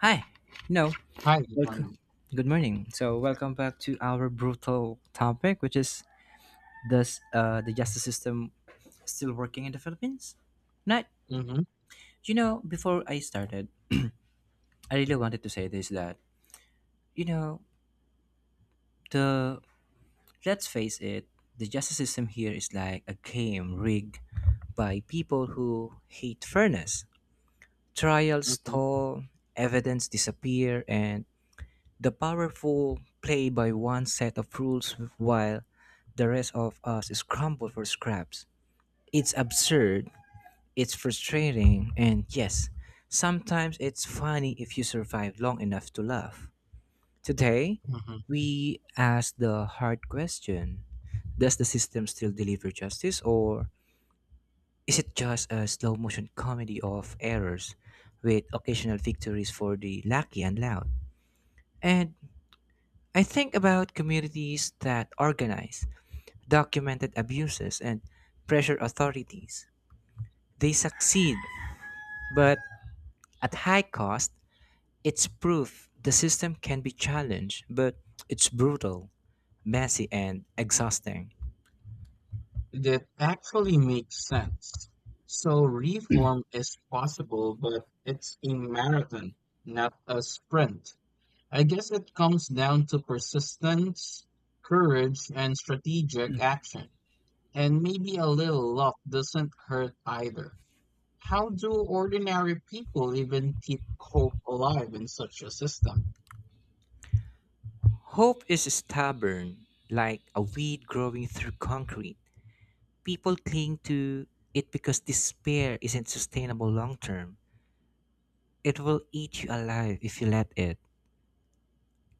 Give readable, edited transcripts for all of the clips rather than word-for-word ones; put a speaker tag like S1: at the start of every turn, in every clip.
S1: Hi. No.
S2: Hi, good
S1: Welcome.
S2: morning.
S1: Good morning. So welcome back to our brutal topic, which is does the justice system still working in the Philippines? Not.
S2: hmm
S1: You know, before I started, I really wanted to say this that you know the let's face it, the justice system here is like a game rigged by people who hate fairness. Trials
S2: hmm
S1: stall, evidence disappear, and the powerful play by one set of rules while the rest of us scramble for scraps. It's absurd, it's frustrating, and yes, sometimes it's funny if you survive long enough to laugh. Today,
S2: hmm
S1: we ask the hard question: does the system still deliver justice, or is it just a slow motion comedy of errors with occasional victories for the lucky and loud? And I think about communities that organize, documented abuses, and pressure authorities. They succeed, but at high cost. It's proof the system can be challenged, but it's brutal, messy, and exhausting.
S2: That actually makes sense. So reform is possible, but it's a marathon, not a sprint. I guess it comes down to persistence, courage, and strategic action. And maybe a little luck doesn't hurt either. How do ordinary people even keep hope alive in such a system?
S1: Hope is stubborn, like a weed growing through concrete. People cling to it because despair isn't sustainable long term. It will eat you alive if you let it.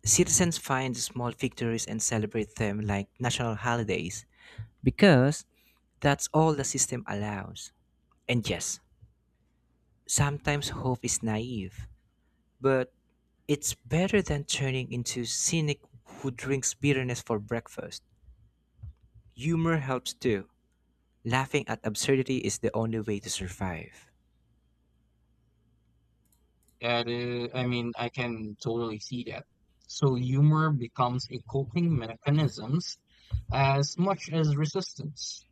S1: Citizens find small victories and celebrate them like national holidays because that's all the system allows. And yes, sometimes hope is naive, but it's better than turning into cynic who drinks bitterness for breakfast. Humor helps too. Laughing at absurdity is the only way to survive.
S2: That is, I mean, I can totally see that. So humor becomes a coping mechanisms as much as resistance.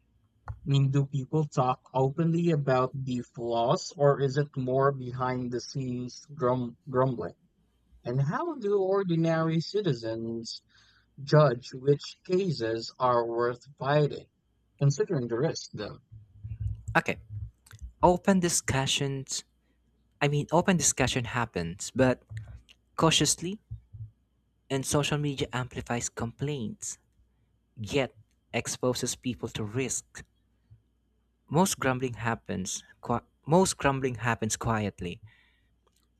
S2: I mean, do people talk openly about the flaws, or is it more behind the scenes grumbling? And how do ordinary citizens judge which cases are worth fighting, considering the risk, though?
S1: Okay, open discussions. I mean, open discussion happens, but cautiously, and social media amplifies complaints yet exposes people to risk. Most grumbling happens quietly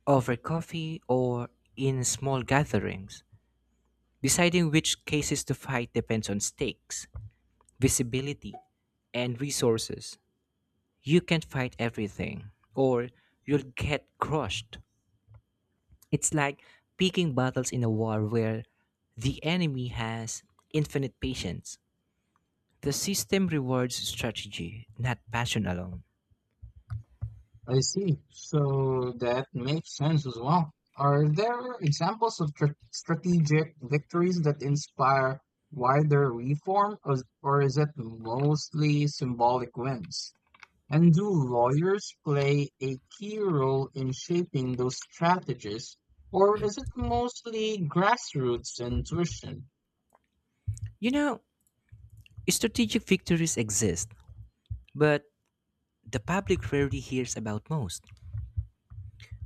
S1: over coffee or in small gatherings. Deciding which cases to fight depends on stakes, visibility, and resources. You can't fight everything or you'll get crushed. It's like picking battles in a war where the enemy has infinite patience. The system rewards strategy, not passion alone.
S2: I see. So that makes sense as well. Are there examples of tr strategic victories that inspire wider reform, or is it mostly symbolic wins? And do lawyers play a key role in shaping those strategies, or is it mostly grassroots intuition?
S1: You know, strategic victories exist, but the public rarely hears about most.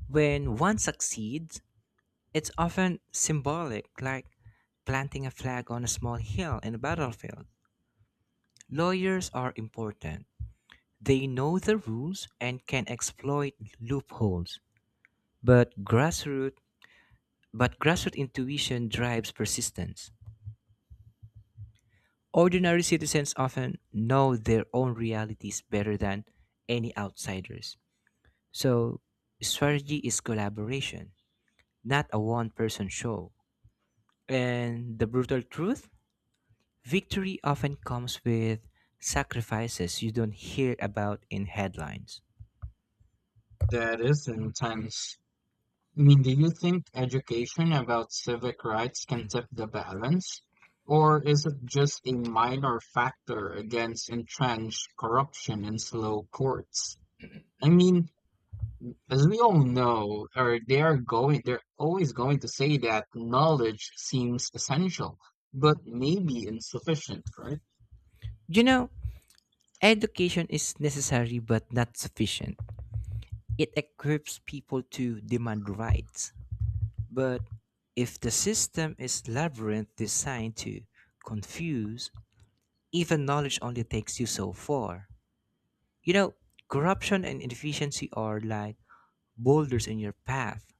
S1: When one succeeds, it's often symbolic, like planting a flag on a small hill in a battlefield. Lawyers are important. They know the rules and can exploit loopholes. But grassroots but grassroots intuition drives persistence. Ordinary citizens often know their own realities better than any outsiders. So, strategy is collaboration, not a one person show. And the brutal truth: victory often comes with sacrifices you don't hear about in headlines.
S2: That is intense? I mean, do you think education about civic rights can tip the balance? Or is it just a minor factor against entrenched corruption and slow courts? I mean, as we all know, or they are going, they're always going to say that knowledge seems essential, but maybe insufficient, right?
S1: You know, education is necessary but not sufficient. It equips people to demand rights. But if the system is labyrinth designed to confuse, even knowledge only takes you so far. You know, corruption and inefficiency are like boulders in your path.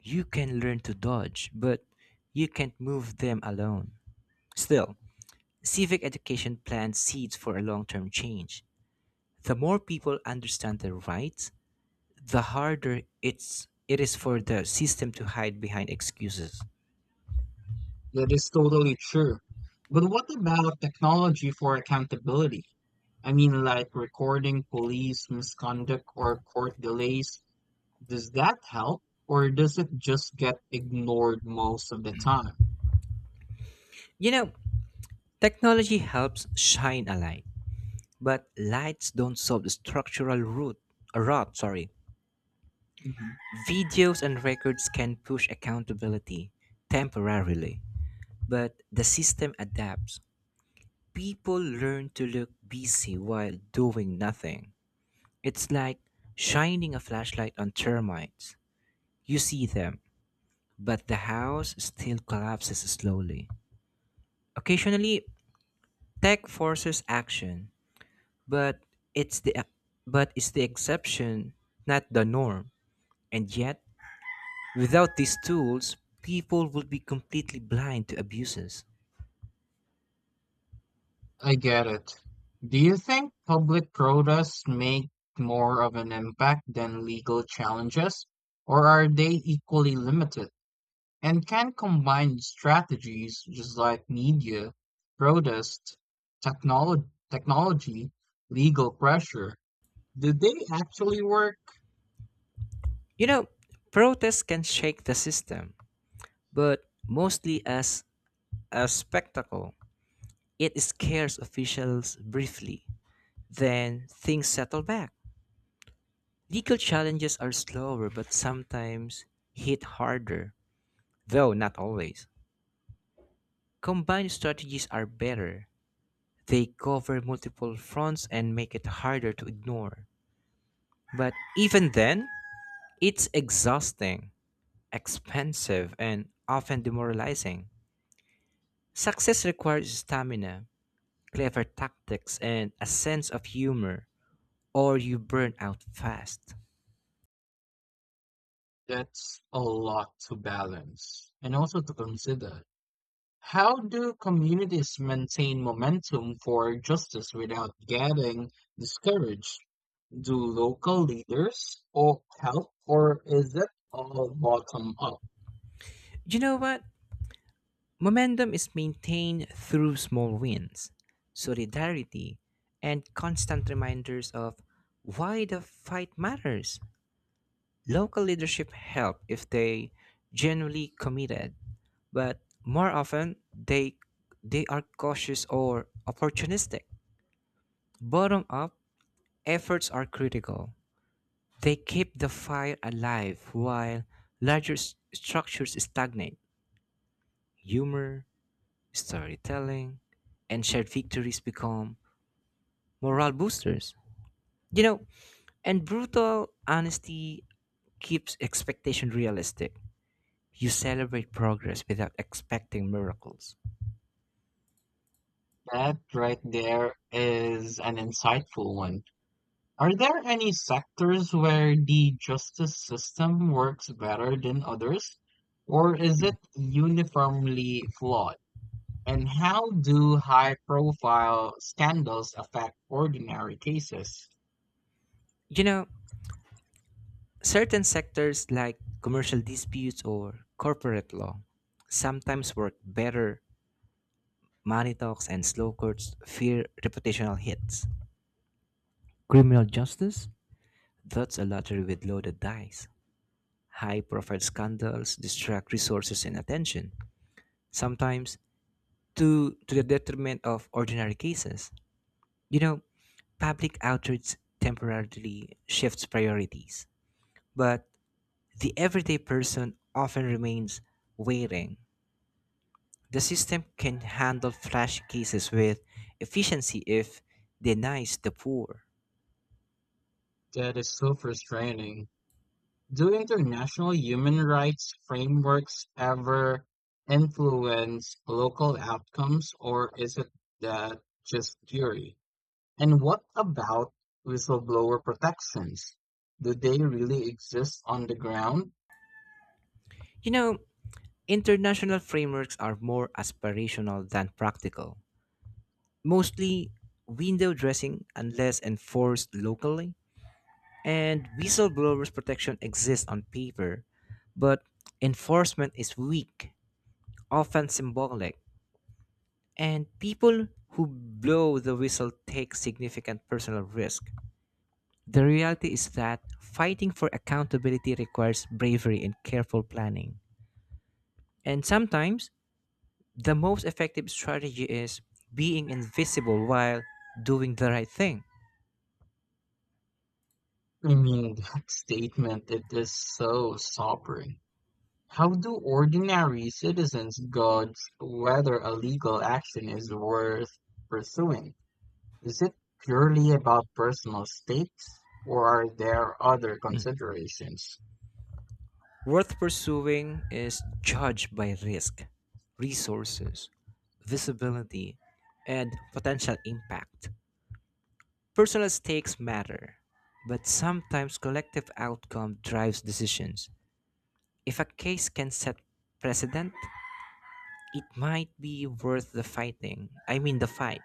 S1: You can learn to dodge, but you can't move them alone. Still, civic education plants seeds for a long term change. The more people understand their rights, the harder it is for the system to hide behind excuses.
S2: That is totally true. But what about technology for accountability? I mean, like recording police misconduct or court delays. Does that help, or does it just get ignored most of the time?
S1: You know, technology helps shine a light, but lights don't solve the structural root, rot. Sorry,
S2: Mhm.
S1: videos and records can push accountability temporarily, but the system adapts. People learn to look busy while doing nothing. It's like shining a flashlight on termites. You see them, but the house still collapses slowly. Occasionally, tech forces action, but it's the it's the exception, not the norm. And yet, without these tools, people would be completely blind to abuses.
S2: I get it. Do you think public protests make more of an impact than legal challenges, or are they equally limited? And can combine strategies just like media, protest, technology, legal pressure. Do they actually work?
S1: You know, protests can shake the system but mostly as a spectacle. It scares officials briefly, then things settle back. Legal challenges are slower but sometimes hit harder, though not always. Combined strategies are better. They cover multiple fronts and make it harder to ignore. But even then, it's exhausting, expensive, and often demoralizing. Success requires stamina, clever tactics, and a sense of humor, or you burn out fast.
S2: That's a lot to balance and also to consider. How do communities maintain momentum for justice without getting discouraged? Do local leaders or help, or is it all bottom up?
S1: You know what? Momentum is maintained through small wins, solidarity, and constant reminders of why the fight matters. Local leadership help if they genuinely committed, but more often they are cautious or opportunistic. Bottom up efforts are critical. They keep the fire alive while larger structures stagnate. Humor, storytelling, and shared victories become morale boosters. You know, and brutal honesty keeps expectation realistic. You celebrate progress without expecting miracles.
S2: That right there is an insightful one. Are there any sectors where the justice system works better than others, or is it uniformly flawed? And how do high-profile scandals affect ordinary cases?
S1: You know, certain sectors like commercial disputes or corporate law sometimes work better. Money talks and slow courts fear reputational hits. Criminal justice? That's a lottery with loaded dice. High profile scandals distract resources and attention, sometimes to the detriment of ordinary cases. You know, public outrage temporarily shifts priorities, but the everyday person often remains waiting. The system can handle flash cases with efficiency if denies the poor.
S2: That is so frustrating. Do international human rights frameworks ever influence local outcomes, or is it that just theory? And what about whistleblower protections? Do they really exist on the ground?
S1: You know, international frameworks are more aspirational than practical, mostly window dressing unless enforced locally. And whistleblowers' protection exists on paper, but enforcement is weak, often symbolic, and people who blow the whistle take significant personal risk. The reality is that fighting for accountability requires bravery and careful planning. And sometimes the most effective strategy is being invisible while doing the right thing.
S2: I mean, that statement, it is so sobering. How do ordinary citizens gauge whether a legal action is worth pursuing? Is it purely about personal stakes, or are there other
S1: Mm.
S2: considerations?
S1: Worth pursuing is judged by risk, resources, visibility, and potential impact. Personal stakes matter, but sometimes collective outcome drives decisions. If a case can set precedent, it might be worth the fighting. I mean, the fight.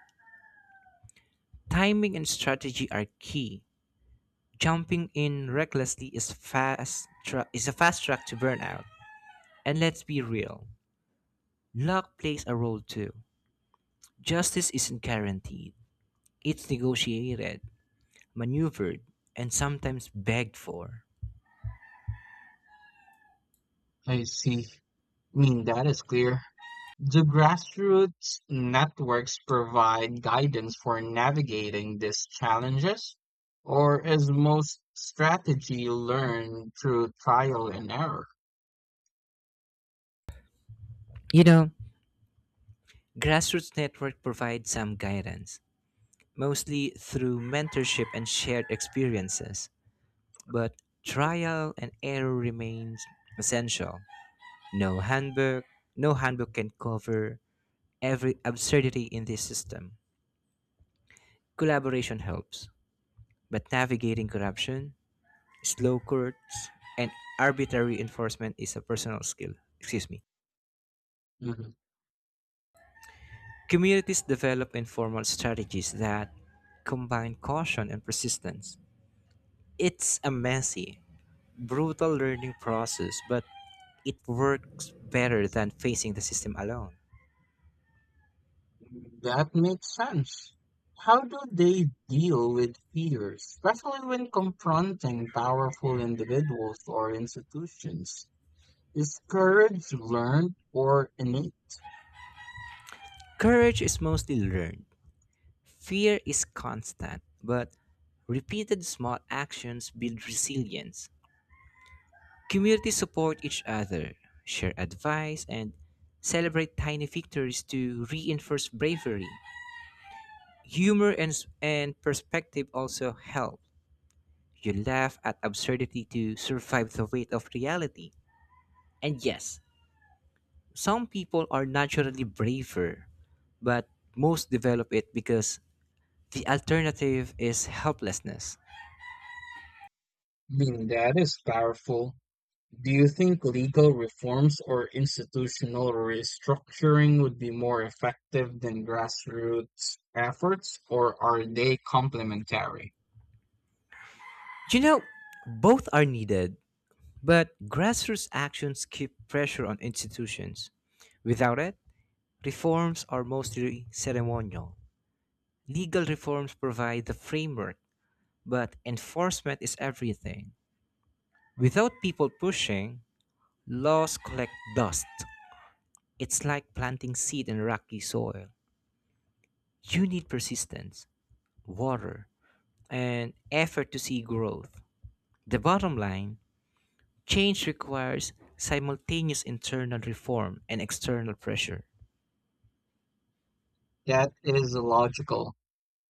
S1: Timing and strategy are key. Jumping in recklessly is fast tra- is a fast track to burnout. And let's be real, luck plays a role too. Justice isn't guaranteed. It's negotiated, maneuvered, and sometimes begged for.
S2: I see. I mean, that is clear. Do grassroots networks provide guidance for navigating these challenges, or is most strategy learned through trial and error?
S1: You know, Grassroots Network provides some guidance, mostly through mentorship and shared experiences. But trial and error remains essential. No handbook, no handbook can cover every absurdity in this system. Collaboration helps, but navigating corruption, slow courts, and arbitrary enforcement is a personal skill. Excuse me.
S2: Mhm.
S1: Communities develop informal strategies that combine caution and persistence. It's a messy, brutal learning process, but it works better than facing the system alone.
S2: That makes sense. How do they deal with fear, especially when confronting powerful individuals or institutions? Is courage learned or innate?
S1: Courage is mostly learned. Fear is constant, but repeated small actions build resilience. Communities support each other, share advice, and celebrate tiny victories to reinforce bravery. Humor and perspective also help. You laugh at absurdity to survive the weight of reality. And yes, some people are naturally braver, but most develop it because the alternative is helplessness.
S2: I mean, that is powerful. Do you think legal reforms or institutional restructuring would be more effective than grassroots efforts, or are they complementary?
S1: You know, both are needed, but grassroots actions keep pressure on institutions. Without it, reforms are mostly ceremonial. Legal reforms provide the framework, but enforcement is everything. Without people pushing, laws collect dust. It's like planting seed in rocky soil. You need persistence, water, and effort to see growth. The bottom line: change requires simultaneous internal reform and external pressure.
S2: That is logical.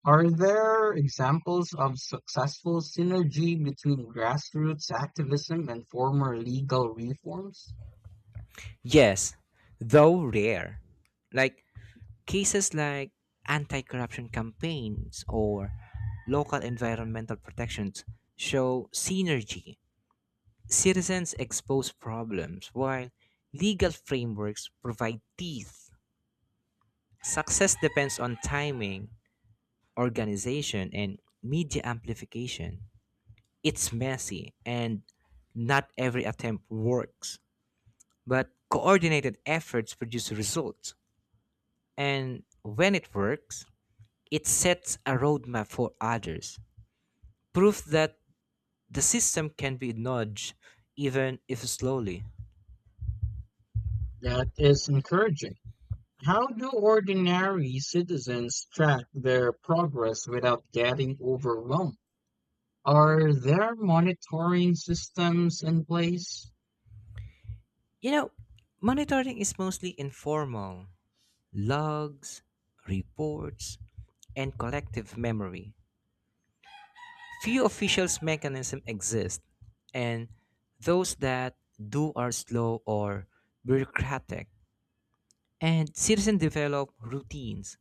S2: Are there examples of successful synergy between grassroots activism and former legal reforms?
S1: Yes, though rare. Like Cases like anti-corruption campaigns or local environmental protections show synergy. Citizens expose problems while legal frameworks provide teeth. Success depends on timing, organization, and media amplification. It's messy and not every attempt works, but coordinated efforts produce results. And when it works, it sets a roadmap for others, proof that the system can be nudged even if slowly.
S2: That is encouraging. How do ordinary citizens track their progress without getting overwhelmed? Are there monitoring systems in place?
S1: You know, monitoring is mostly informal: logs, reports, and collective memory. Few official mechanisms exist, and those that do are slow or bureaucratic. And citizens develop routines,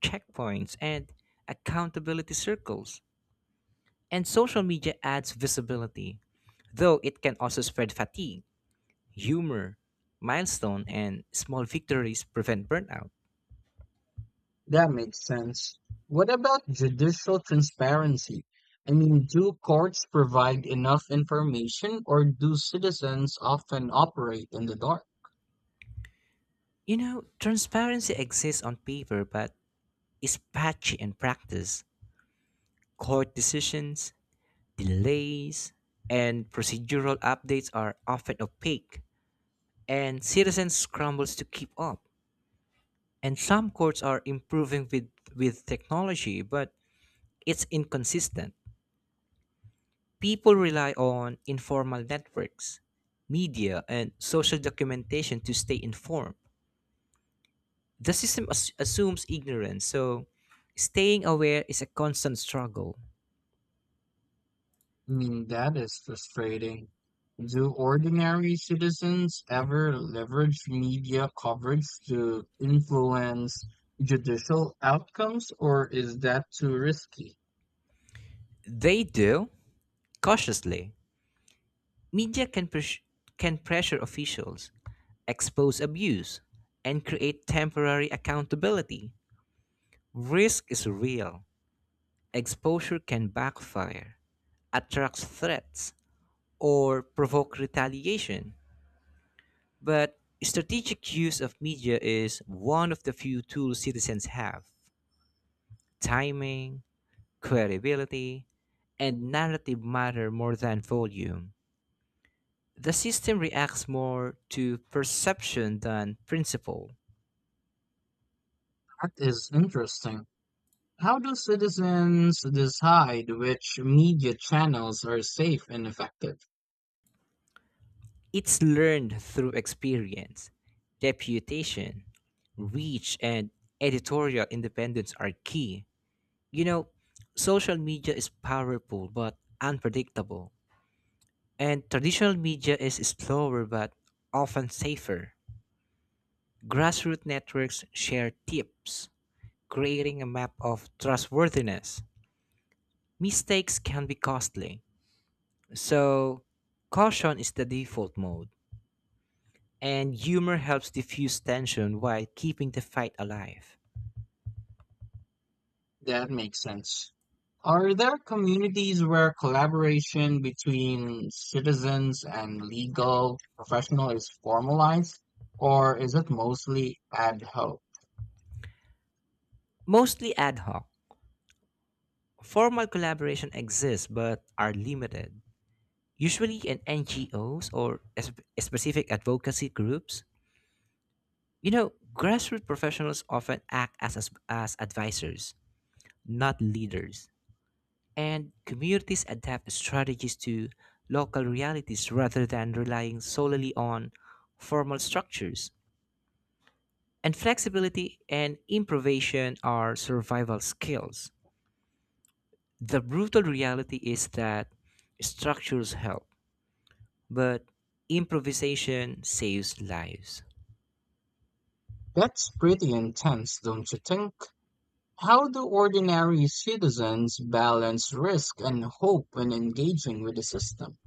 S1: checkpoints, and accountability circles. And social media adds visibility, though it can also spread fatigue. Humor, milestone, and small victories prevent burnout.
S2: That makes sense. What about judicial transparency? I mean, do courts provide enough information or do citizens often operate in the dark?
S1: You know, transparency exists on paper but is patchy in practice. Court decisions, delays, and procedural updates are often opaque, and citizens scrambles to keep up. And some courts are improving with technology, but it's inconsistent. People rely on informal networks, media, and social documentation to stay informed. The system assumes ignorance, so staying aware is a constant struggle.
S2: I mean, that is frustrating. Do ordinary citizens ever leverage media coverage to influence judicial outcomes, or is that too risky?
S1: They do cautiously. Media can pres- can pressure officials, expose abuse, and create temporary accountability. Risk is real. Exposure can backfire, attracts threats, or provoke retaliation. But strategic use of media is one of the few tools citizens have. Timing, credibility, and narrative matter more than volume. The system reacts more to perception than principle.
S2: That is interesting. How do citizens decide which media channels are safe and effective?
S1: It's learned through experience. Deputation, reach, and editorial independence are key. You know, social media is powerful but unpredictable. And traditional media is slower but often safer. Grassroots networks share tips, creating a map of trustworthiness. Mistakes can be costly, so caution is the default mode, and humor helps diffuse tension while keeping the fight alive.
S2: That makes sense. Are there communities where collaboration between citizens and legal professional is formalized, or is it mostly ad hoc?
S1: Mostly ad hoc. Formal collaboration exists but are limited, usually in NGOs or specific advocacy groups. You know, grassroots professionals often act as advisors, not leaders, and communities adapt strategies to local realities rather than relying solely on formal structures. And flexibility and improvisation are survival skills. The brutal reality is that structures help, but improvisation saves lives.
S2: That's pretty intense, don't you think? How do ordinary citizens balance risk and hope when engaging with the system?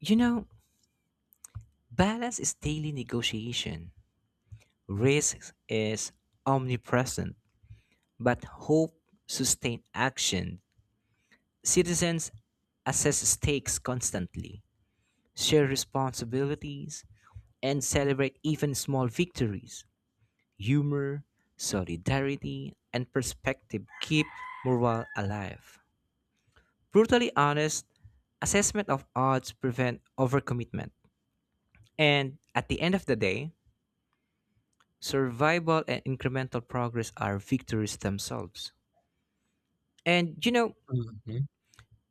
S1: You know, balance is daily negotiation. Risk is omnipresent, but hope sustains action. Citizens assess stakes constantly, share responsibilities, and celebrate even small victories. Humor, solidarity, and perspective keep morale alive. Brutally honest, assessment of odds prevent overcommitment. And at the end of the day, survival and incremental progress are victories themselves. And you know,
S2: Mhm.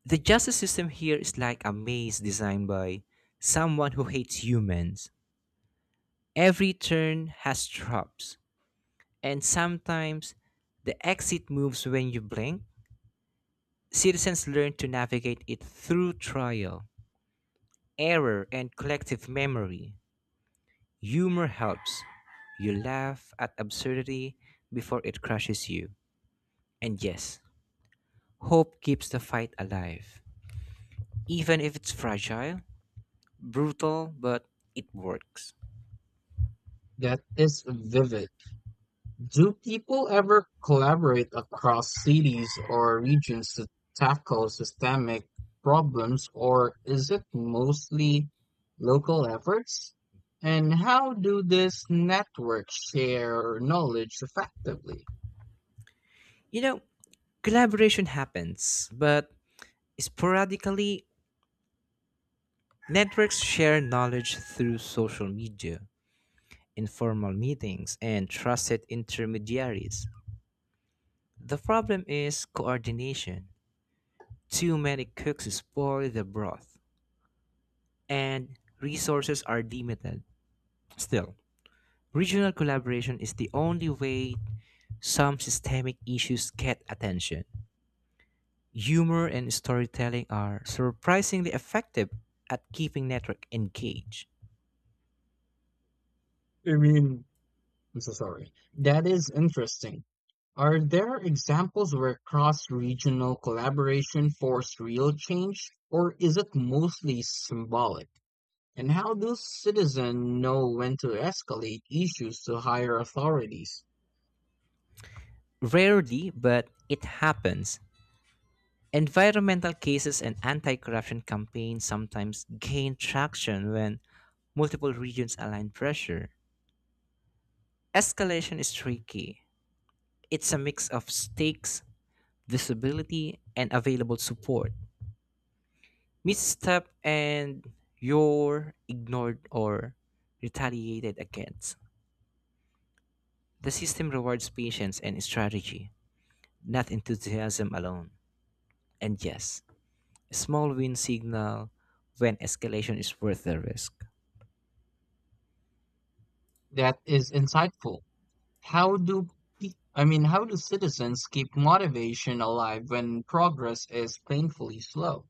S1: the justice system here is like a maze designed by someone who hates humans. Every turn has traps, and sometimes the exit moves when you blink. Citizens learn to navigate it through trial, error, and collective memory. Humor helps. You laugh at absurdity before it crushes you. And yes, hope keeps the fight alive. Even if it's fragile, brutal, but it works.
S2: That is vivid. Do people ever collaborate across cities or regions to tackle systemic problems, or is it mostly local efforts? And how do these networks share knowledge effectively?
S1: You know, collaboration happens, but sporadically, networks share knowledge through social media, informal meetings, and trusted intermediaries. The problem is coordination. Too many cooks spoil the broth, and resources are limited. Still, regional collaboration is the only way some systemic issues get attention. Humor and storytelling are surprisingly effective at keeping network engaged.
S2: I mean, I'm so sorry. That is interesting. Are there examples where cross-regional collaboration forced real change, or is it mostly symbolic? And how do citizens know when to escalate issues to higher authorities?
S1: Rarely, but it happens. Environmental cases and anti corruption campaigns sometimes gain traction when multiple regions align pressure. Escalation is tricky. It's a mix of stakes, visibility, and available support. Misstep and you're ignored or retaliated against. The system rewards patience and strategy, not enthusiasm alone. And yes, small win signal when escalation is worth the risk.
S2: That is insightful. How do I mean, how do citizens keep motivation alive when progress is painfully slow?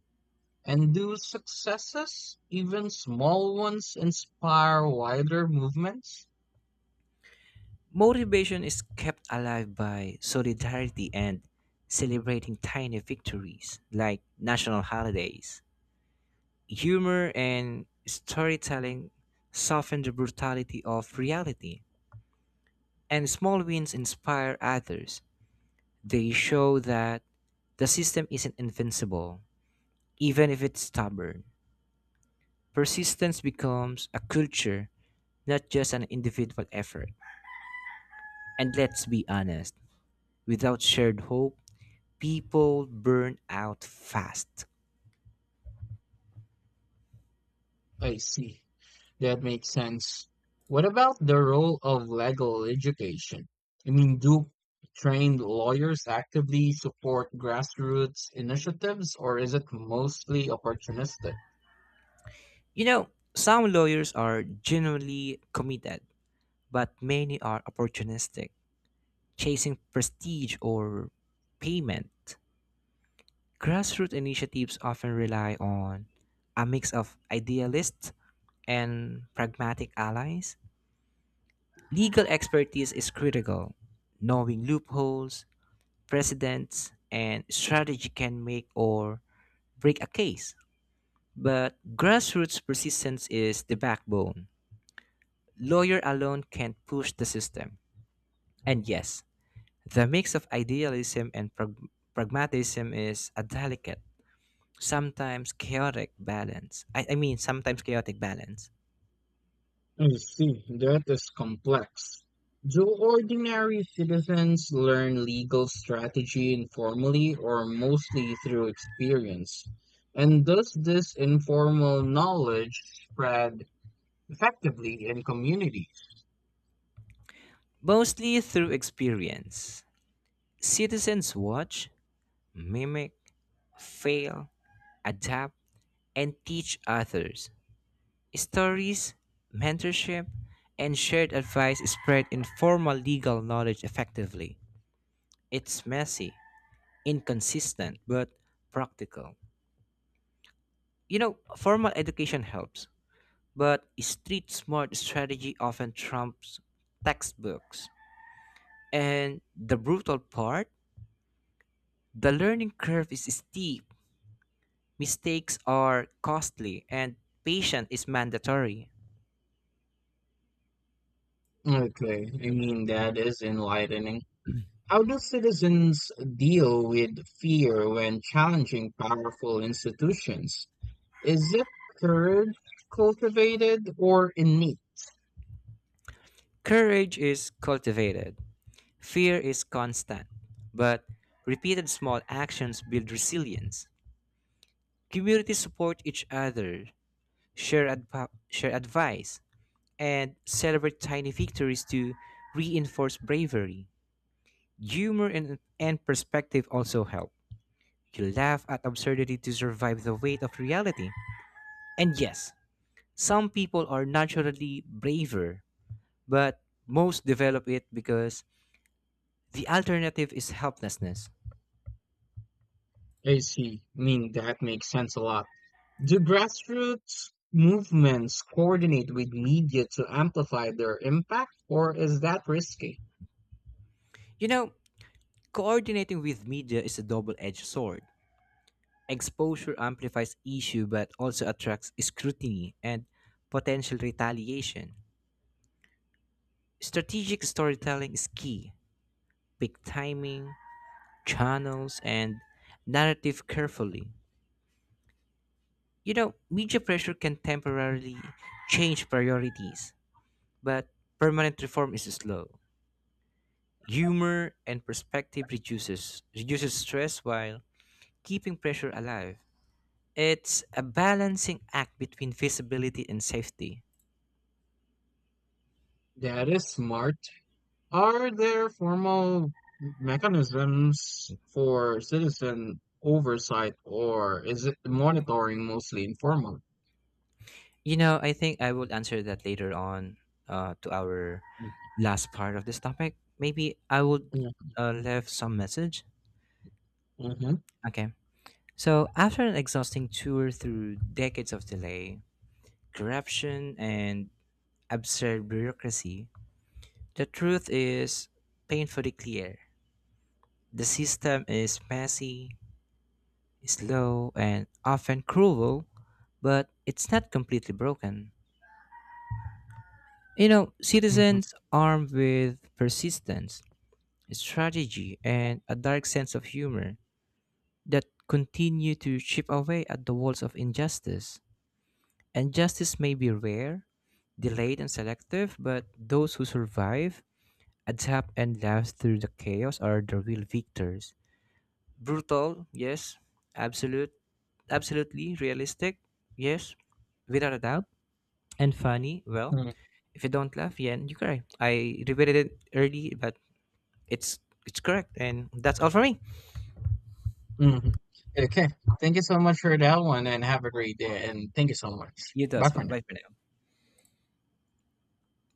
S2: And do successes, even small ones, inspire wider movements?
S1: Motivation is kept alive by solidarity and celebrating tiny victories like national holidays. Humor and storytelling soften the brutality of reality, and small wins inspire others. They show that the system isn't invincible, even if it's stubborn. Persistence becomes a culture, not just an individual effort. And let's be honest, without shared hope, people burn out fast.
S2: I see. That makes sense. What about the role of legal education? I mean, do trained lawyers actively support grassroots initiatives, or is it mostly opportunistic?
S1: You know, some lawyers are genuinely committed, but many are opportunistic, chasing prestige or payment. Grassroots initiatives often rely on a mix of idealists and pragmatic allies. Legal expertise is critical. Knowing loopholes, precedents, and strategy can make or break a case. But grassroots persistence is the backbone. Lawyer alone can't push the system. And yes, the mix of idealism and pragmatism is a delicate, sometimes chaotic balance. Sometimes chaotic balance.
S2: I see, that is complex. Do ordinary citizens learn legal strategy informally or mostly through experience? And does this informal knowledge spread effectively in communities?
S1: Mostly through experience. Citizens watch, mimic, fail, adapt, and teach others. Stories, mentorship, and shared advice spread informal legal knowledge effectively. It's messy, inconsistent, but practical. You know, formal education helps, but street smart strategy often trumps textbooks. And the brutal part the learning curve is steep, mistakes are costly, and patience is mandatory.
S2: Okay, I mean, that is enlightening. How do citizens deal with fear when challenging powerful institutions? Is it courage cultivated or innate?
S1: Courage is cultivated. Fear is constant, but repeated small actions build resilience. Communities support each other, share advice, and celebrate tiny victories to reinforce bravery. Humor and perspective also help. You laugh at absurdity to survive the weight of reality. And yes, some people are naturally braver, but most develop it because the alternative is helplessness.
S2: I see. I mean, that makes sense a lot. Do grassroots movements coordinate with media to amplify their impact, or is that risky?
S1: You know, coordinating with media is a double-edged sword. Exposure amplifies issue but also attracts scrutiny and potential retaliation. Strategic storytelling is key. Pick timing, channels, and narrative carefully. You know, media pressure can temporarily change priorities, but permanent reform is slow. Humor and perspective reduces stress while keeping pressure alive. It's a balancing act between visibility and safety.
S2: That is smart. Are there formal mechanisms for citizen oversight, or is it monitoring mostly informal?
S1: You know, I think I will answer that later on to our last part of this topic. Maybe I would
S2: Mm,
S1: leave some message.
S2: mhm,
S1: Okay. So, after an exhausting tour through decades of delay, corruption, and absurd bureaucracy, the truth is painfully clear. The system is messy, slow, and often cruel, but it's not completely broken. You know,
S2: mhm,
S1: citizens armed with persistence, strategy, and a dark sense of humor that continue to chip away at the walls of injustice. And justice may be rare, delayed, and selective, but those who survive, adapt, and laugh through the chaos are the real victors. Brutal, yes, absolute, absolutely realistic, yes, without a doubt, and funny, well.
S2: mm,
S1: If you don't laugh, yeah, you cry. I repeated it early, but It's it's correct, and that's all for me.
S2: mhm. Okay. Thank you so much for that one, and have a great day. And thank you so much.
S1: You do
S2: Bye
S1: as
S2: for
S1: well.
S2: now.
S1: Bye for now.